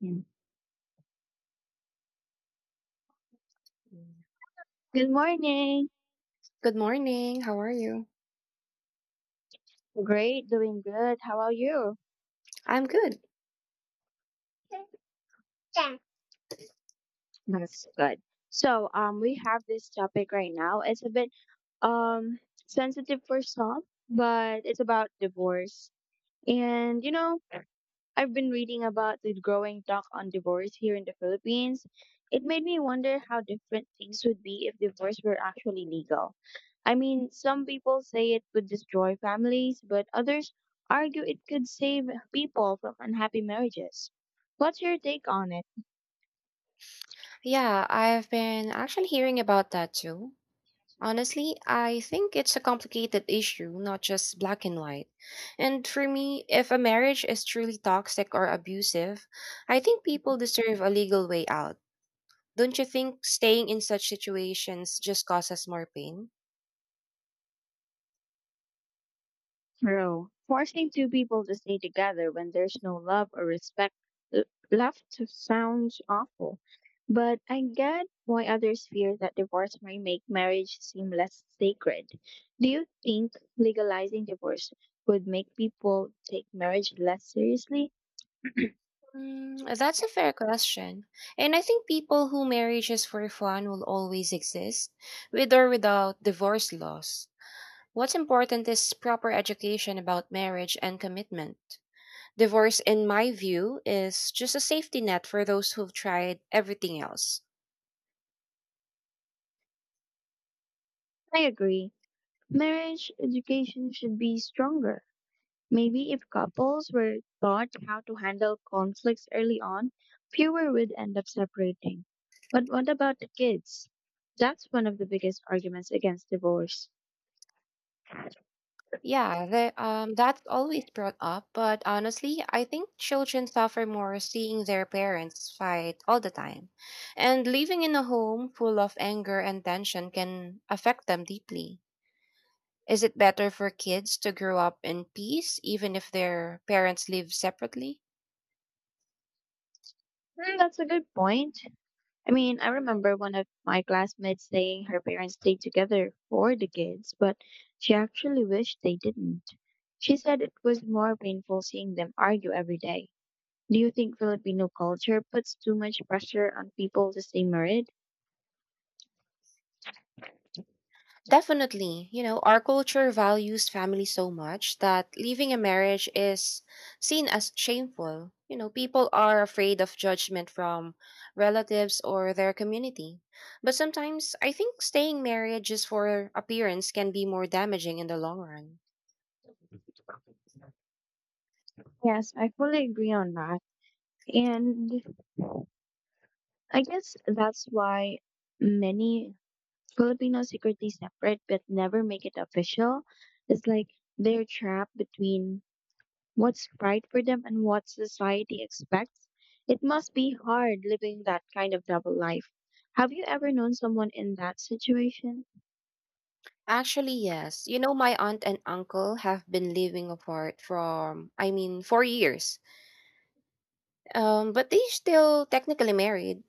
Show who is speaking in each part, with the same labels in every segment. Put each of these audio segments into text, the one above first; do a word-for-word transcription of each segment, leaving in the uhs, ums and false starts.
Speaker 1: Yeah.
Speaker 2: Mm.
Speaker 1: Good morning.
Speaker 2: Good morning. How are you?
Speaker 1: Great, doing good. How are you?
Speaker 2: I'm good.
Speaker 1: Yeah. That's good. So, um, we have this topic right now. It's a bit um sensitive for some, but it's about divorce. And you know, I've been reading about the growing talk on divorce here in the Philippines. It made me wonder how different things would be if divorce were actually legal. I mean, some people say it would destroy families, but others argue it could save people from unhappy marriages. What's your take on it?
Speaker 2: Yeah, I've been actually hearing about that too. Honestly, I think it's a complicated issue, not just black and white. And for me, if a marriage is truly toxic or abusive, I think people deserve a legal way out. Don't you think staying in such situations just causes more pain?
Speaker 1: True. Forcing two people to stay together when there's no love or respect l- left sounds awful. But I get why others fear that divorce may make marriage seem less sacred. Do you think legalizing divorce would make people take marriage less seriously? I
Speaker 2: Mm, that's a fair question. And I think people who marry just for fun will always exist, with or without divorce laws. What's important is proper education about marriage and commitment. Divorce, in my view, is just a safety net for those who've tried everything else.
Speaker 1: agree. Marriage education should be stronger. Maybe if couples were taught how to handle conflicts early on, fewer would end up separating. But what about the kids? That's one of the biggest arguments against divorce.
Speaker 2: Yeah, the, um, that's always brought up, but honestly, I think children suffer more seeing their parents fight all the time. And living in a home full of anger and tension can affect them deeply. Is it better for kids to grow up in peace even if their parents live separately?
Speaker 1: Hmm, that's a good point. I mean, I remember one of my classmates saying her parents stayed together for the kids, but she actually wished they didn't. She said it was more painful seeing them argue every day. Do you think Filipino culture puts too much pressure on people to stay married?
Speaker 2: Definitely. You know, our culture values family so much that leaving a marriage is seen as shameful. You know, people are afraid of judgment from relatives or their community. But sometimes I think staying married just for appearance can be more damaging in the long run.
Speaker 1: Yes, I fully agree on that. And I guess that's why many Filipinos secretly separate but never make it official. It's like they're trapped between what's right for them and what society expects. It must be hard living that kind of double life. Have you ever known someone in that situation?
Speaker 2: Actually, yes. You know, my aunt and uncle have been living apart from, I mean, four years. Um, but they still technically married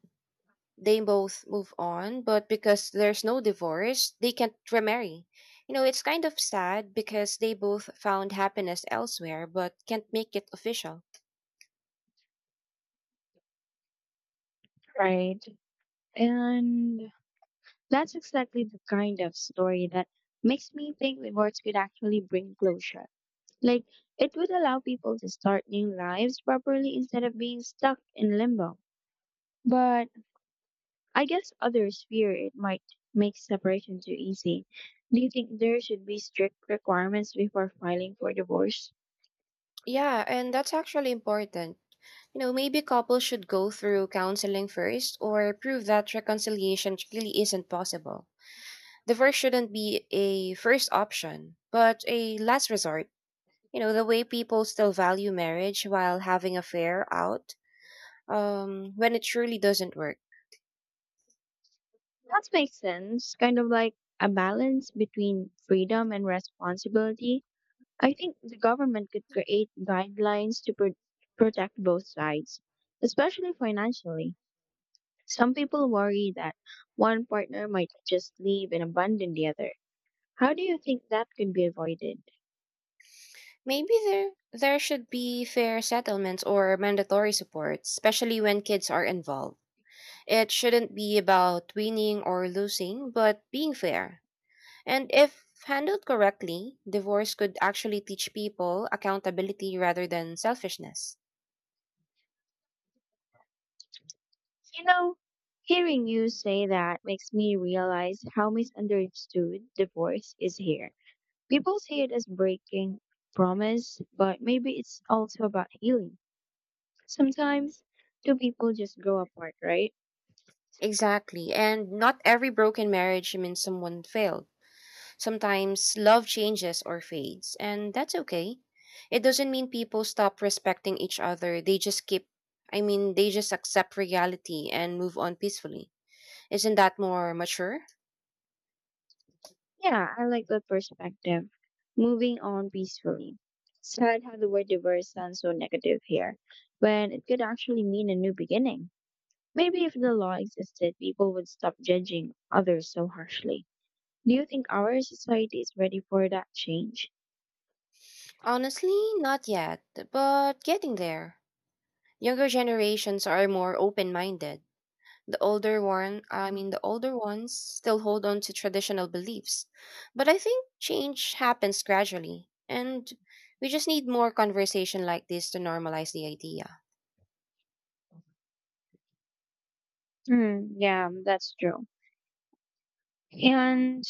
Speaker 2: they both move on, but because there's no divorce, they can't remarry. You know, it's kind of sad because they both found happiness elsewhere but can't make it official.
Speaker 1: Right. And that's exactly the kind of story that makes me think rewards could actually bring closure. Like, it would allow people to start new lives properly instead of being stuck in limbo. But I guess others fear it might make separation too easy. Do you think there should be strict requirements before filing for divorce?
Speaker 2: Yeah, and that's actually important. You know, maybe couples should go through counseling first or prove that reconciliation really isn't possible. Divorce shouldn't be a first option, but a last resort. You know, the way people still value marriage while having affair out um, when it truly doesn't work.
Speaker 1: That makes sense. Kind of like a balance between freedom and responsibility. I think the government could create guidelines to pro- protect both sides, especially financially. Some people worry that one partner might just leave and abandon the other. How do you think that could be avoided?
Speaker 2: Maybe there there should be fair settlements or mandatory support, especially when kids are involved. It shouldn't be about winning or losing, but being fair. And if handled correctly, divorce could actually teach people accountability rather than selfishness.
Speaker 1: You know, hearing you say that makes me realize how misunderstood divorce is here. People see it as breaking promise, but maybe it's also about healing. Sometimes two people just grow apart, right?
Speaker 2: Exactly. And not every broken marriage means someone failed. Sometimes love changes or fades, and that's okay. It doesn't mean people stop respecting each other. They just keep, I mean, they just accept reality and move on peacefully. Isn't that more mature?
Speaker 1: Yeah, I like that perspective. Moving on peacefully. Sad how the word divorce sounds so negative here, when it could actually mean a new beginning. Maybe if the law existed, people would stop judging others so harshly. Do you think our society is ready for that change?
Speaker 2: Honestly, not yet, but getting there. Younger generations are more open minded. The older one, I mean, the older ones still hold on to traditional beliefs. But I think change happens gradually, and we just need more conversation like this to normalize the idea.
Speaker 1: Hmm, yeah, that's true. And,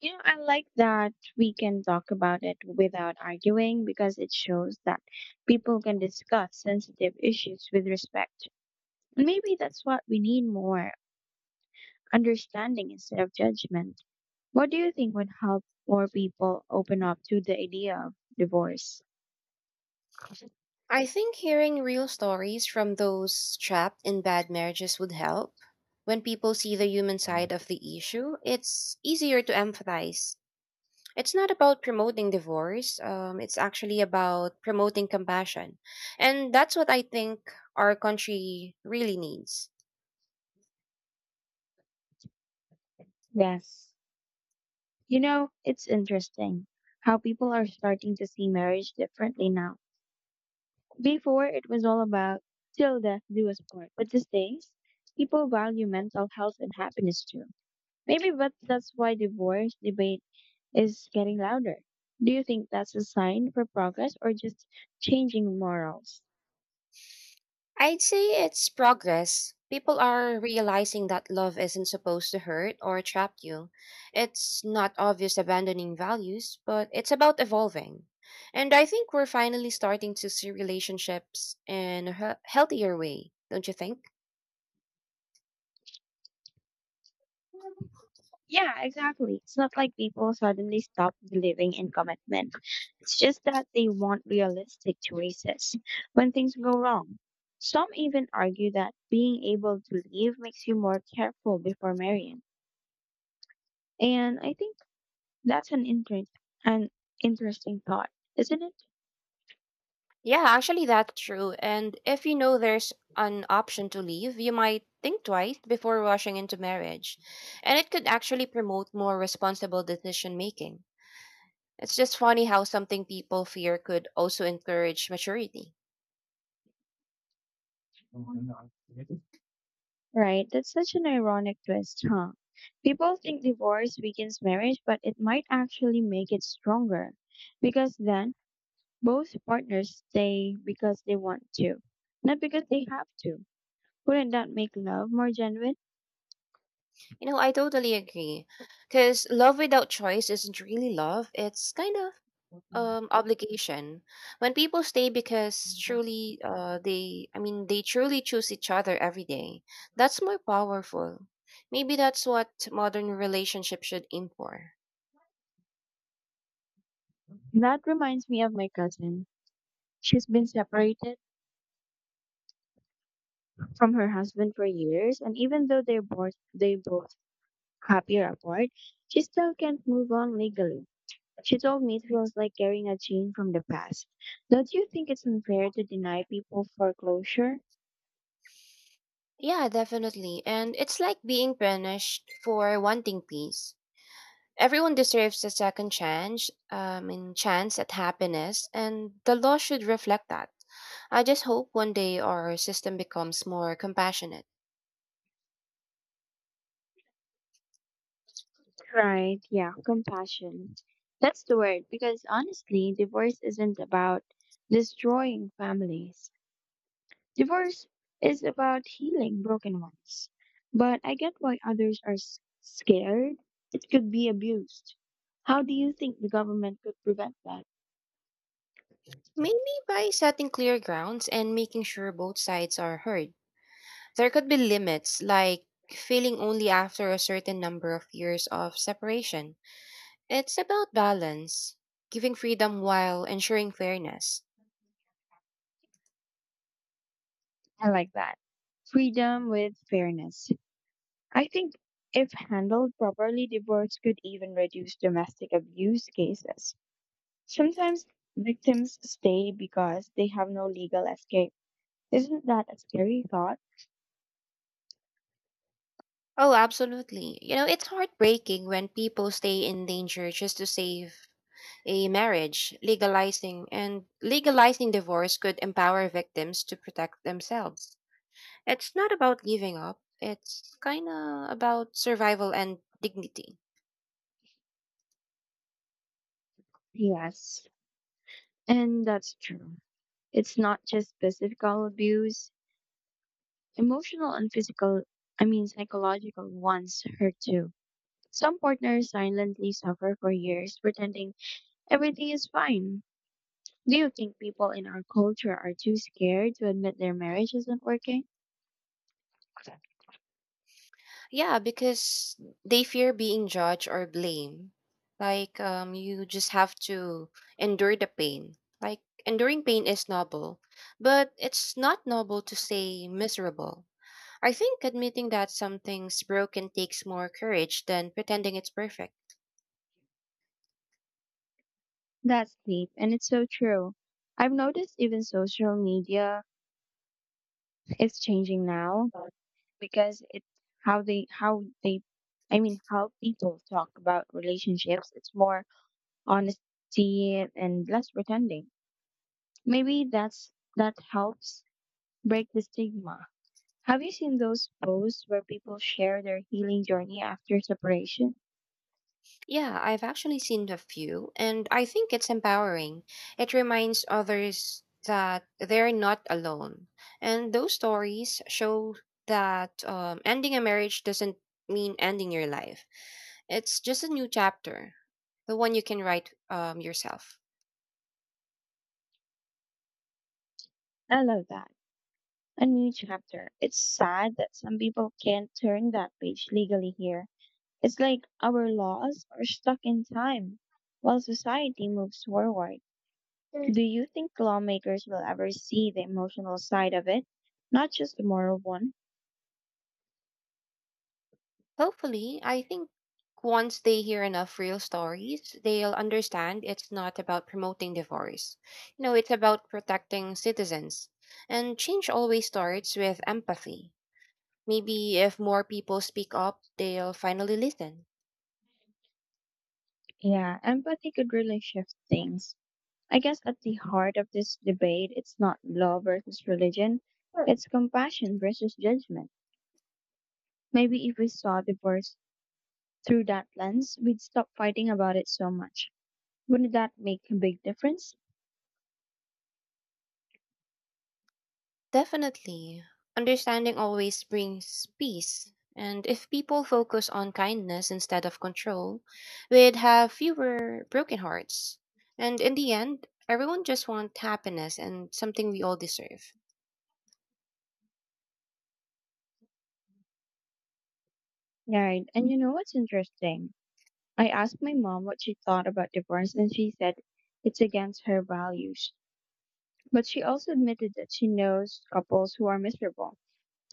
Speaker 1: you know, I like that we can talk about it without arguing because it shows that people can discuss sensitive issues with respect. Maybe that's what we need more understanding instead of judgment. What do you think would help more people open up to the idea of divorce?
Speaker 2: I think hearing real stories from those trapped in bad marriages would help. When people see the human side of the issue, it's easier to empathize. It's not about promoting divorce. Um, it's actually about promoting compassion. And that's what I think our country really needs.
Speaker 1: Yes. You know, it's interesting how people are starting to see marriage differently now. Before, it was all about till death do us part. But these days, people value mental health and happiness too. Maybe but that's why divorce debate is getting louder. Do you think that's a sign for progress or just changing morals?
Speaker 2: I'd say it's progress. People are realizing that love isn't supposed to hurt or trap you. It's not obvious abandoning values, but it's about evolving. And I think we're finally starting to see relationships in a he- healthier way, don't you think?
Speaker 1: Yeah, exactly. It's not like people suddenly stop believing in commitment. It's just that they want realistic choices when things go wrong. Some even argue that being able to leave makes you more careful before marrying. And I think that's an, inter- an interesting thought, isn't
Speaker 2: Yeah, actually, that's true. And if you know there's an option to leave, you might think twice before rushing into marriage. And it could actually promote more responsible decision making. It's just funny how something people fear could also encourage maturity.
Speaker 1: it? Right, that's such an ironic twist, huh? People think divorce weakens marriage, but it might actually make it stronger. Because then both partners stay because they want to, not because they have to. Wouldn't that make love more genuine?
Speaker 2: You know, I totally agree. Because love without choice isn't really love, it's kind of um obligation. When people stay because truly uh they I mean they truly choose each other every day, that's more powerful. Maybe that's what modern relationships should aim for.
Speaker 1: That reminds me of my cousin. She's been separated from her husband for years, and even though they're both they both happier apart, she still can't move on legally. She told me it feels like carrying a chain from the past. Don't you think it's unfair to deny people foreclosure?
Speaker 2: Yeah, definitely. And it's like being punished for wanting peace. Everyone deserves a second chance um and chance at happiness, and the law should reflect that. I just hope one day our system becomes more compassionate.
Speaker 1: Right, yeah, compassion. That's the word, because honestly, divorce isn't about destroying families. Divorce is about healing broken ones. But I get why others are s- scared. It could be abused. How do you think the government could prevent that?
Speaker 2: Maybe by setting clear grounds and making sure both sides are heard. There could be limits, like failing only after a certain number of years of separation. It's about balance, giving freedom while ensuring fairness.
Speaker 1: I like that. Freedom with fairness. I think if handled properly, divorce could even reduce domestic abuse cases. Sometimes victims stay because they have no legal escape. Isn't that a scary thought?
Speaker 2: Oh, absolutely. You know, it's heartbreaking when people stay in danger just to save a marriage. Legalizing and legalizing divorce could empower victims to protect themselves. It's not about giving up. It's kind of about survival and dignity.
Speaker 1: Yes, and that's true. It's not just physical abuse, emotional and physical, I mean, psychological ones hurt too. Some partners silently suffer for years, pretending everything is fine. Do you think people in our culture are too scared to admit their marriage isn't working?
Speaker 2: Yeah, because they fear being judged or blamed. Like, um, you just have to endure the pain. Like, enduring pain is noble, but it's not noble to say miserable. I think admitting that something's broken takes more courage than pretending it's perfect.
Speaker 1: That's deep, and it's so true. I've noticed even social media is changing now because it's how they how they I mean how people talk about relationships. It's more honesty and less pretending. Maybe that's that helps break the stigma. Have you seen those posts where people share their healing journey after separation?
Speaker 2: Yeah, I've actually seen a few, and I think it's empowering. It reminds others that they're not alone. And those stories show that um, ending a marriage doesn't mean ending your life, it's just a new chapter, the one you can write um, yourself.
Speaker 1: I love that. A new chapter. It's sad that some people can't turn that page legally here. It's like our laws are stuck in time while society moves forward. Do you think lawmakers will ever see the emotional side of it, not just the moral one?
Speaker 2: Hopefully, I think once they hear enough real stories, they'll understand it's not about promoting divorce. You know, it's about protecting citizens. And change always starts with empathy. Maybe if more people speak up, they'll finally listen.
Speaker 1: Yeah, empathy could really shift things. I guess at the heart of this debate, it's not law versus religion, it's compassion versus judgment. Maybe if we saw divorce through that lens, we'd stop fighting about it so much. Wouldn't that make a big difference?
Speaker 2: Definitely. Understanding always brings peace. And if people focus on kindness instead of control, we'd have fewer broken hearts. And in the end, everyone just wants happiness and something we all deserve.
Speaker 1: Right, and you know what's interesting? I asked my mom what she thought about divorce, and she said it's against her values. But she also admitted that she knows couples who are miserable.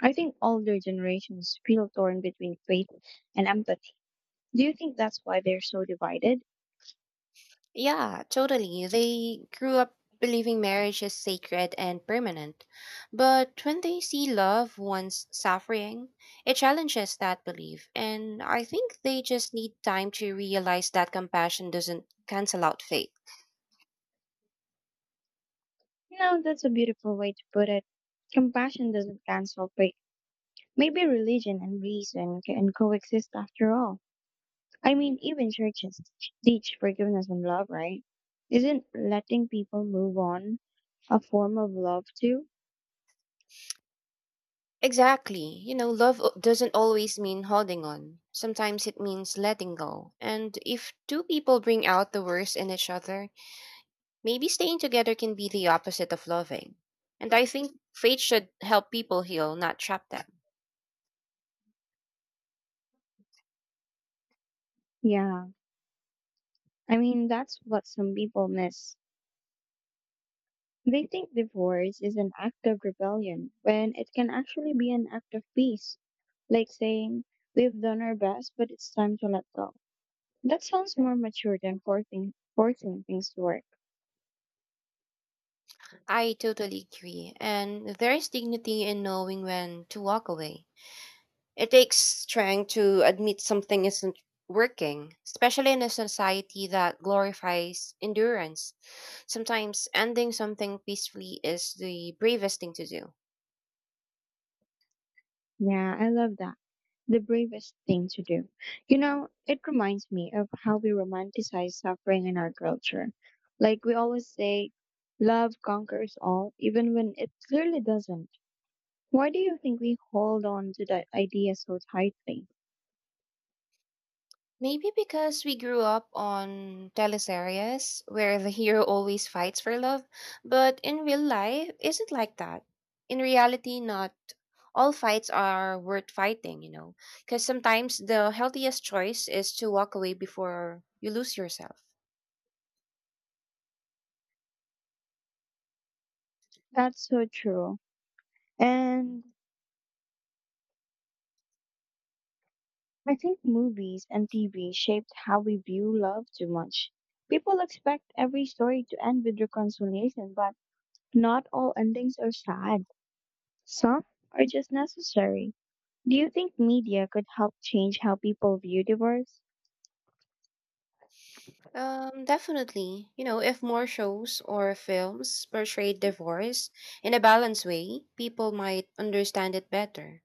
Speaker 1: I think older generations feel torn between faith and empathy. Do you think that's why they're so divided?
Speaker 2: Yeah, totally. They grew up believing marriage is sacred and permanent. But when they see loved ones suffering, it challenges that belief. And I think they just need time to realize that compassion doesn't cancel out faith.
Speaker 1: No, that's a beautiful way to put it. Compassion doesn't cancel faith. Maybe religion and reason can coexist after all. I mean, even churches teach forgiveness and love, right? Isn't letting people move on a form of love too?
Speaker 2: Exactly. You know, love o- doesn't always mean holding on. Sometimes it means letting go. And if two people bring out the worst in each other, maybe staying together can be the opposite of loving. And I think faith should help people heal, not trap them.
Speaker 1: Yeah. I mean, that's what some people miss. They think divorce is an act of rebellion when it can actually be an act of peace, like saying, "We've done our best, but it's time to let go." That sounds more mature than forcing, forcing things to work.
Speaker 2: I totally agree. And there is dignity in knowing when to walk away. It takes strength to admit something isn't working, especially in a society that glorifies endurance. Sometimes ending something peacefully is the bravest thing to do.
Speaker 1: Yeah, I love that. The bravest thing to do. You know, it reminds me of how we romanticize suffering in our culture. Like we always say, love conquers all, even when it clearly doesn't. Why do you think we hold on to that idea so tightly?
Speaker 2: Maybe because we grew up on teleseries where the hero always fights for love, but in real life isn't like that. In reality, not all fights are worth fighting, you know, because sometimes the healthiest choice is to walk away before you lose yourself.
Speaker 1: That's so true. And I think movies and T V shaped how we view love too much. People expect every story to end with reconciliation, but not all endings are sad. Some are just necessary. Do you think media could help change how people view divorce?
Speaker 2: Um, definitely, you know, if more shows or films portrayed divorce in a balanced way, people might understand it better.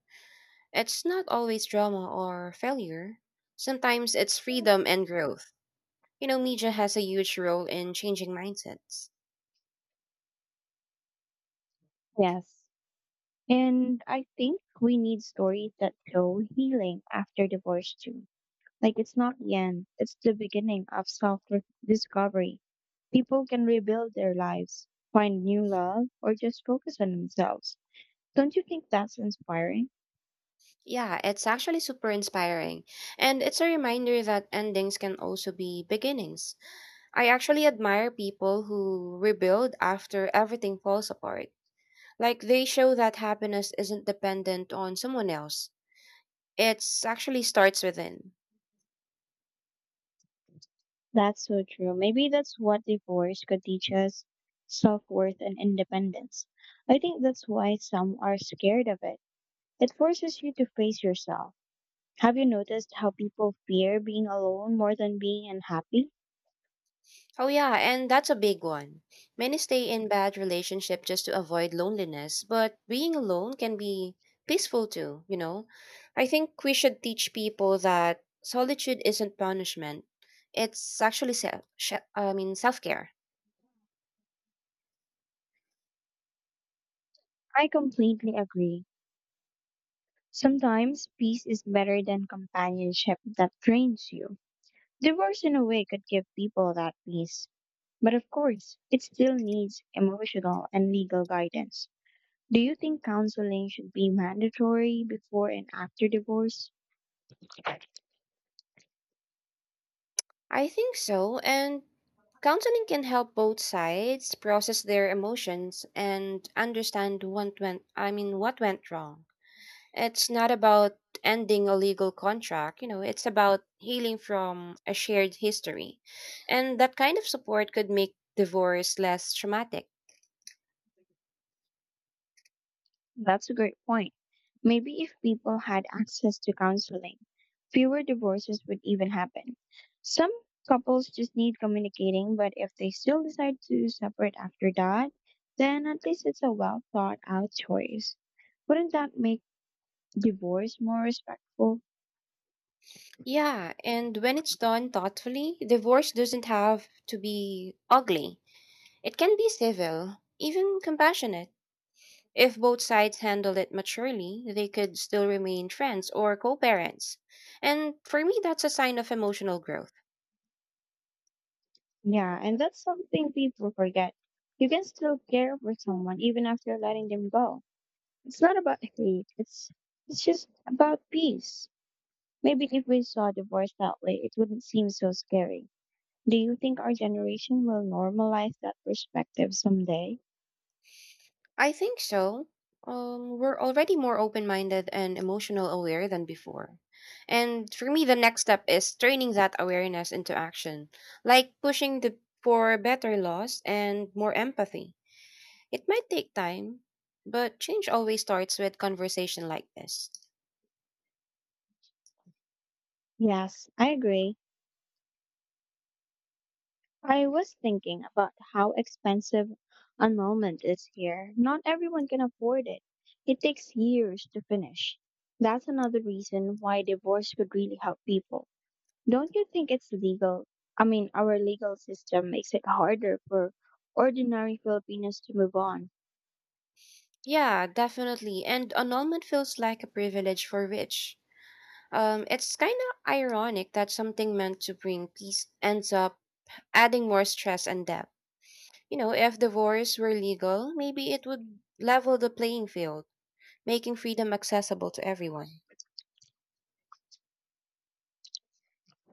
Speaker 2: It's not always drama or failure. Sometimes it's freedom and growth. You know, media has a huge role in changing mindsets.
Speaker 1: Yes. And I think we need stories that show healing after divorce too. Like it's not the end, it's the beginning of self discovery. People can rebuild their lives, find new love, or just focus on themselves. Don't you think that's inspiring?
Speaker 2: Yeah, it's actually super inspiring. And it's a reminder that endings can also be beginnings. I actually admire people who rebuild after everything falls apart. Like they show that happiness isn't dependent on someone else. It actually starts within.
Speaker 1: That's so true. Maybe that's what divorce could teach us self worth and independence. I think that's why some are scared of it. It forces you to face yourself. Have you noticed how people fear being alone more than being unhappy?
Speaker 2: Oh yeah, and that's a big one. Many stay in bad relationship just to avoid loneliness, but being alone can be peaceful too, you know. I think we should teach people that solitude isn't punishment. It's actually self sh- I mean self-care.
Speaker 1: I completely agree. Sometimes peace is better than companionship that drains you. Divorce, in a way, could give people that peace. But of course, it still needs emotional and legal guidance. Do you think counseling should be mandatory before and after divorce?
Speaker 2: I think so, and counseling can help both sides process their emotions and understand what went I mean what went wrong. It's not about ending a legal contract, you know, it's about healing from a shared history. And that kind of support could make divorce less traumatic.
Speaker 1: That's a great point. Maybe if people had access to counseling, fewer divorces would even happen. Some couples just need communicating, but if they still decide to separate after that, then at least it's a well thought out choice. Wouldn't that make divorce more respectful?
Speaker 2: Yeah, and when it's done thoughtfully, divorce doesn't have to be ugly. It can be civil, even compassionate. If both sides handle it maturely, they could still remain friends or co parents. And for me, that's a sign of emotional growth.
Speaker 1: Yeah, and that's something people forget. You can still care for someone even after letting them go. It's not about hate, it's it's just about peace. Maybe if we saw divorce that way, it wouldn't seem so scary. Do you think our generation will normalize that perspective someday?
Speaker 2: I think so. Um, we're already more open minded and emotional aware than before. And for me, the next step is turning that awareness into action, like pushing the, for better laws and more empathy. It might take time, but change always starts with conversation like this.
Speaker 1: Yes, I agree. I was thinking about how expensive annulment is here. Not everyone can afford it. It takes years to finish. That's another reason why divorce could really help people. Don't you think it's legal? I mean, our legal system makes it harder for ordinary Filipinos to move on.
Speaker 2: Yeah, definitely. And annulment feels like a privilege for rich. Um, it's kind of ironic that something meant to bring peace ends up adding more stress and debt. You know, if divorce were legal, maybe it would level the playing field, making freedom accessible to everyone.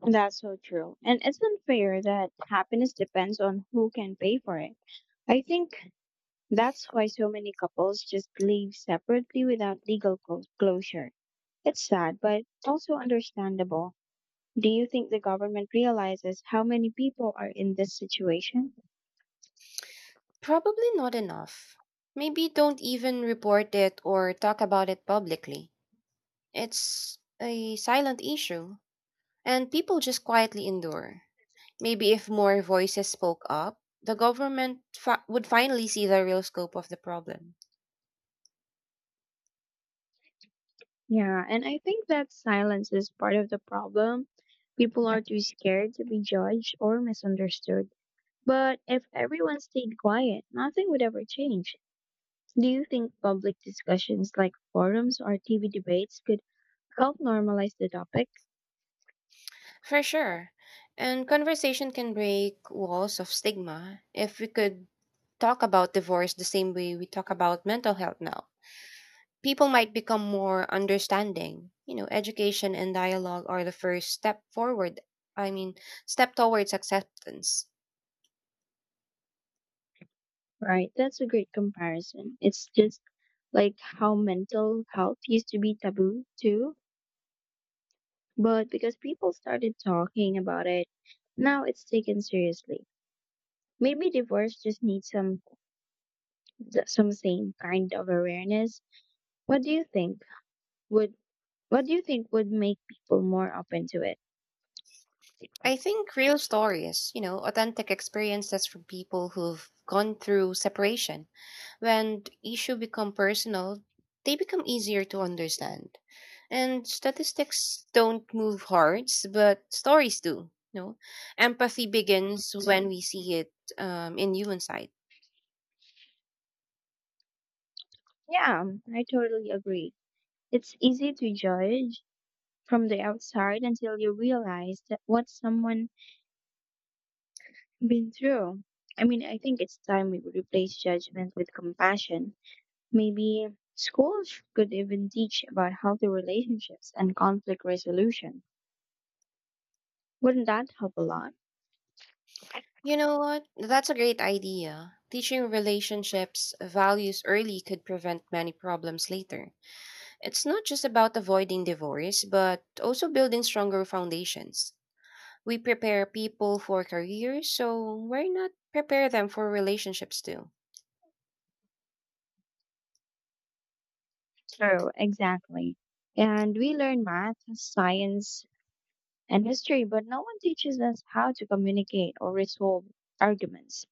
Speaker 1: That's so true. And it's unfair that happiness depends on who can pay for it. I think That's why so many couples just live separately without legal clo- closure. It's sad, but also understandable. Do you think the government realizes how many people are in this situation?
Speaker 2: Probably not enough. Maybe don't even report it or talk about it publicly. It's a silent issue, and people just quietly endure. Maybe if more voices spoke up, the government fi- would finally see the real scope of the problem.
Speaker 1: Yeah, and I think that silence is part of the problem. People are too scared to be judged or misunderstood. But if everyone stayed quiet, nothing would ever change. Do you think public discussions like forums or T V debates could help normalize the topic?
Speaker 2: For sure. And conversation can break walls of stigma if we could talk about divorce the same way we talk about mental health now. People might become more understanding. You know, education and dialogue are the first step forward. I mean, step towards acceptance.
Speaker 1: Right, that's a great comparison. It's just like how mental health used to be taboo too, but because people started talking about it, now it's taken seriously. Maybe divorce just needs some th- some same kind of awareness. What do you think would what do you think would make people more open to it?
Speaker 2: I think real stories, you know, authentic experiences from people who've gone through separation. When issues become personal, they become easier to understand. And statistics don't move hearts, but stories do. You know, empathy begins when we see it um, in human side.
Speaker 1: Yeah, I totally agree. It's easy to judge from the outside until you realize that what someone been through. I mean, I think it's time we replace judgment with compassion. Maybe schools could even teach about healthy relationships and conflict resolution. Wouldn't that help a lot?
Speaker 2: You know what? That's a great idea. Teaching relationships values early could prevent many problems later. It's not just about avoiding divorce, but also building stronger foundations. We prepare people for careers, so why not prepare them for relationships too?
Speaker 1: True, exactly. And we learn math, science, and history, but no one teaches us how to communicate or resolve arguments.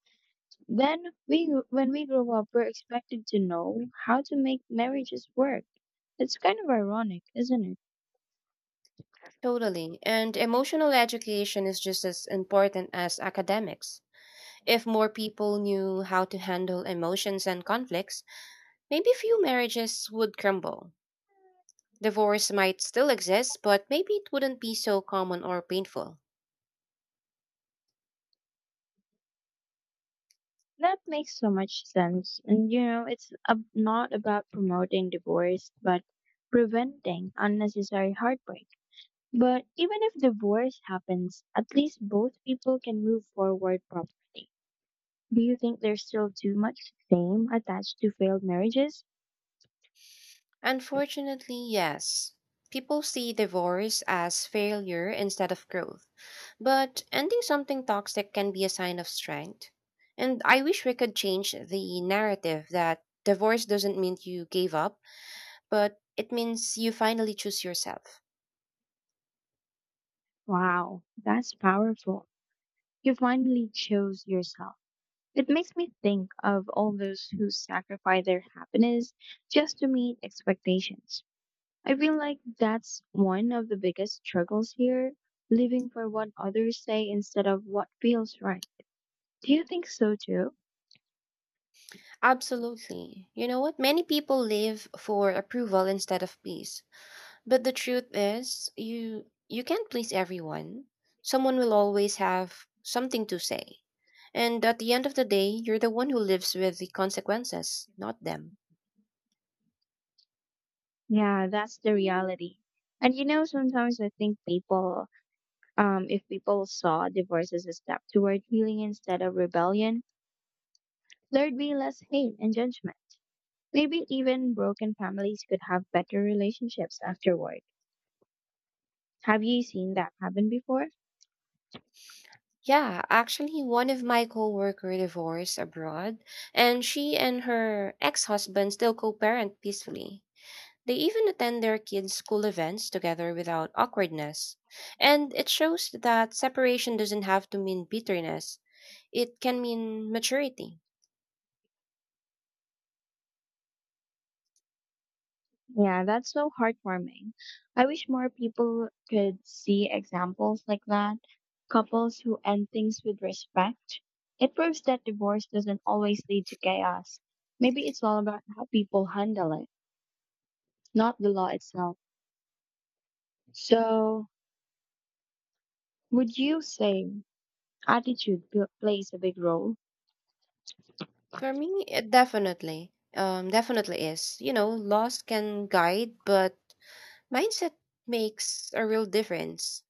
Speaker 1: Then we when we grow up, we're expected to know how to make marriages work. It's kind of ironic, isn't it?
Speaker 2: Totally. And emotional education is just as important as academics. If more people knew how to handle emotions and conflicts, maybe few marriages would crumble. Divorce might still exist, but maybe it wouldn't be so common or painful.
Speaker 1: That makes so much sense. And you know, it's ab- not about promoting divorce, but preventing unnecessary heartbreak. But even if divorce happens, at least both people can move forward properly. Do you think there's still too much shame attached to failed marriages?
Speaker 2: Unfortunately, yes. People see divorce as failure instead of growth. But ending something toxic can be a sign of strength. And I wish we could change the narrative that divorce doesn't mean you gave up, but it means you finally choose yourself.
Speaker 1: Wow, that's powerful. You finally chose yourself. It makes me think of all those who sacrifice their happiness just to meet expectations. I feel like that's one of the biggest struggles here, living for what others say instead of what feels right. Do you think so too?
Speaker 2: Absolutely. You know what? Many people live for approval instead of peace. But the truth is, you you can't please everyone. Someone will always have something to say. And at the end of the day, you're the one who lives with the consequences, not them.
Speaker 1: Yeah, that's the reality. And you know, sometimes I think people, um, if people saw divorce as a step toward healing instead of rebellion, there'd be less hate and judgment. Maybe even broken families could have better relationships afterward. Have you seen that happen before?
Speaker 2: Yeah, actually one of my coworker divorced abroad and she and her ex-husband still co-parent peacefully. They even attend their kids' school events together without awkwardness. And it shows that separation doesn't have to mean bitterness. It can mean maturity.
Speaker 1: Yeah, that's so heartwarming. I wish more people could see examples like that. Couples who end things with respect. It proves that divorce doesn't always lead to chaos. Maybe it's all about how people handle it, not the law itself. So, would you say attitude pl- plays a big role?
Speaker 2: For me, it definitely, um, definitely is. You know, loss can guide, but mindset makes a real difference.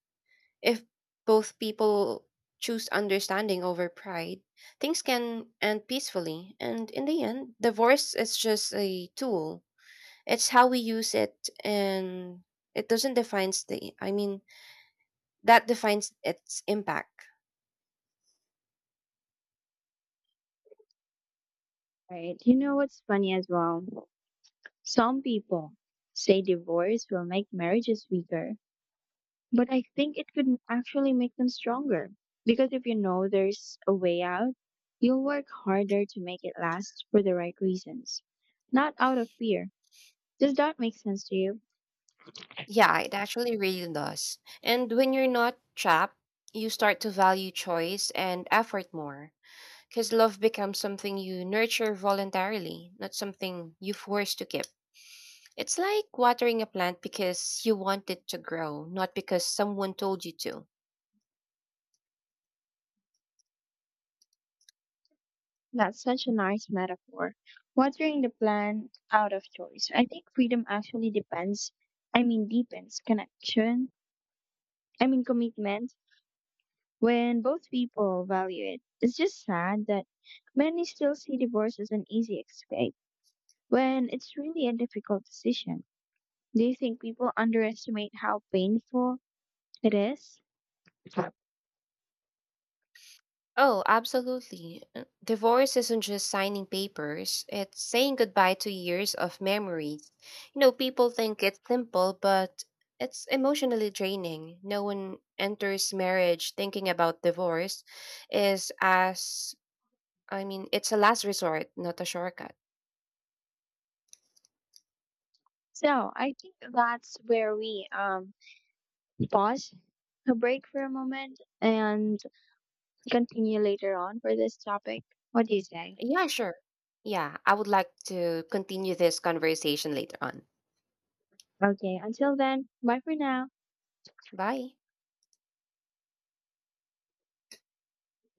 Speaker 2: If both people choose understanding over pride, things can end peacefully. And in the end, divorce is just a tool. It's how we use it, and it doesn't define the. I mean, that defines its impact.
Speaker 1: Right. You know what's funny as well? Some people say divorce will make marriages weaker, but I think it could actually make them stronger. Because if you know there's a way out, you'll work harder to make it last for the right reasons, not out of fear. Does that make sense to you?
Speaker 2: Yeah, it actually really does. And when you're not trapped, you start to value choice and effort more. Because love becomes something you nurture voluntarily, not something you force to keep. It's like watering a plant because you want it to grow, not because someone told you to.
Speaker 1: That's such a nice metaphor. Watering the plant out of choice. I think freedom actually depends, I mean, deepens connection, I mean, commitment when both people value it. It's just sad that many still see divorce as an easy escape when it's really a difficult decision. Do you think people underestimate how painful it is?
Speaker 2: Oh, absolutely. Uh, Divorce isn't just signing papers, it's saying goodbye to years of memories. You know, people think it's simple, but it's emotionally draining. No one enters marriage thinking about divorce is as I mean, it's a last resort, not a shortcut.
Speaker 1: So I think that's where we um, pause a break for a moment and continue later on for this topic. What do you say?
Speaker 2: Yeah, sure. Yeah, I would like to continue this conversation later on.
Speaker 1: Okay, until then, bye for now.
Speaker 2: Bye.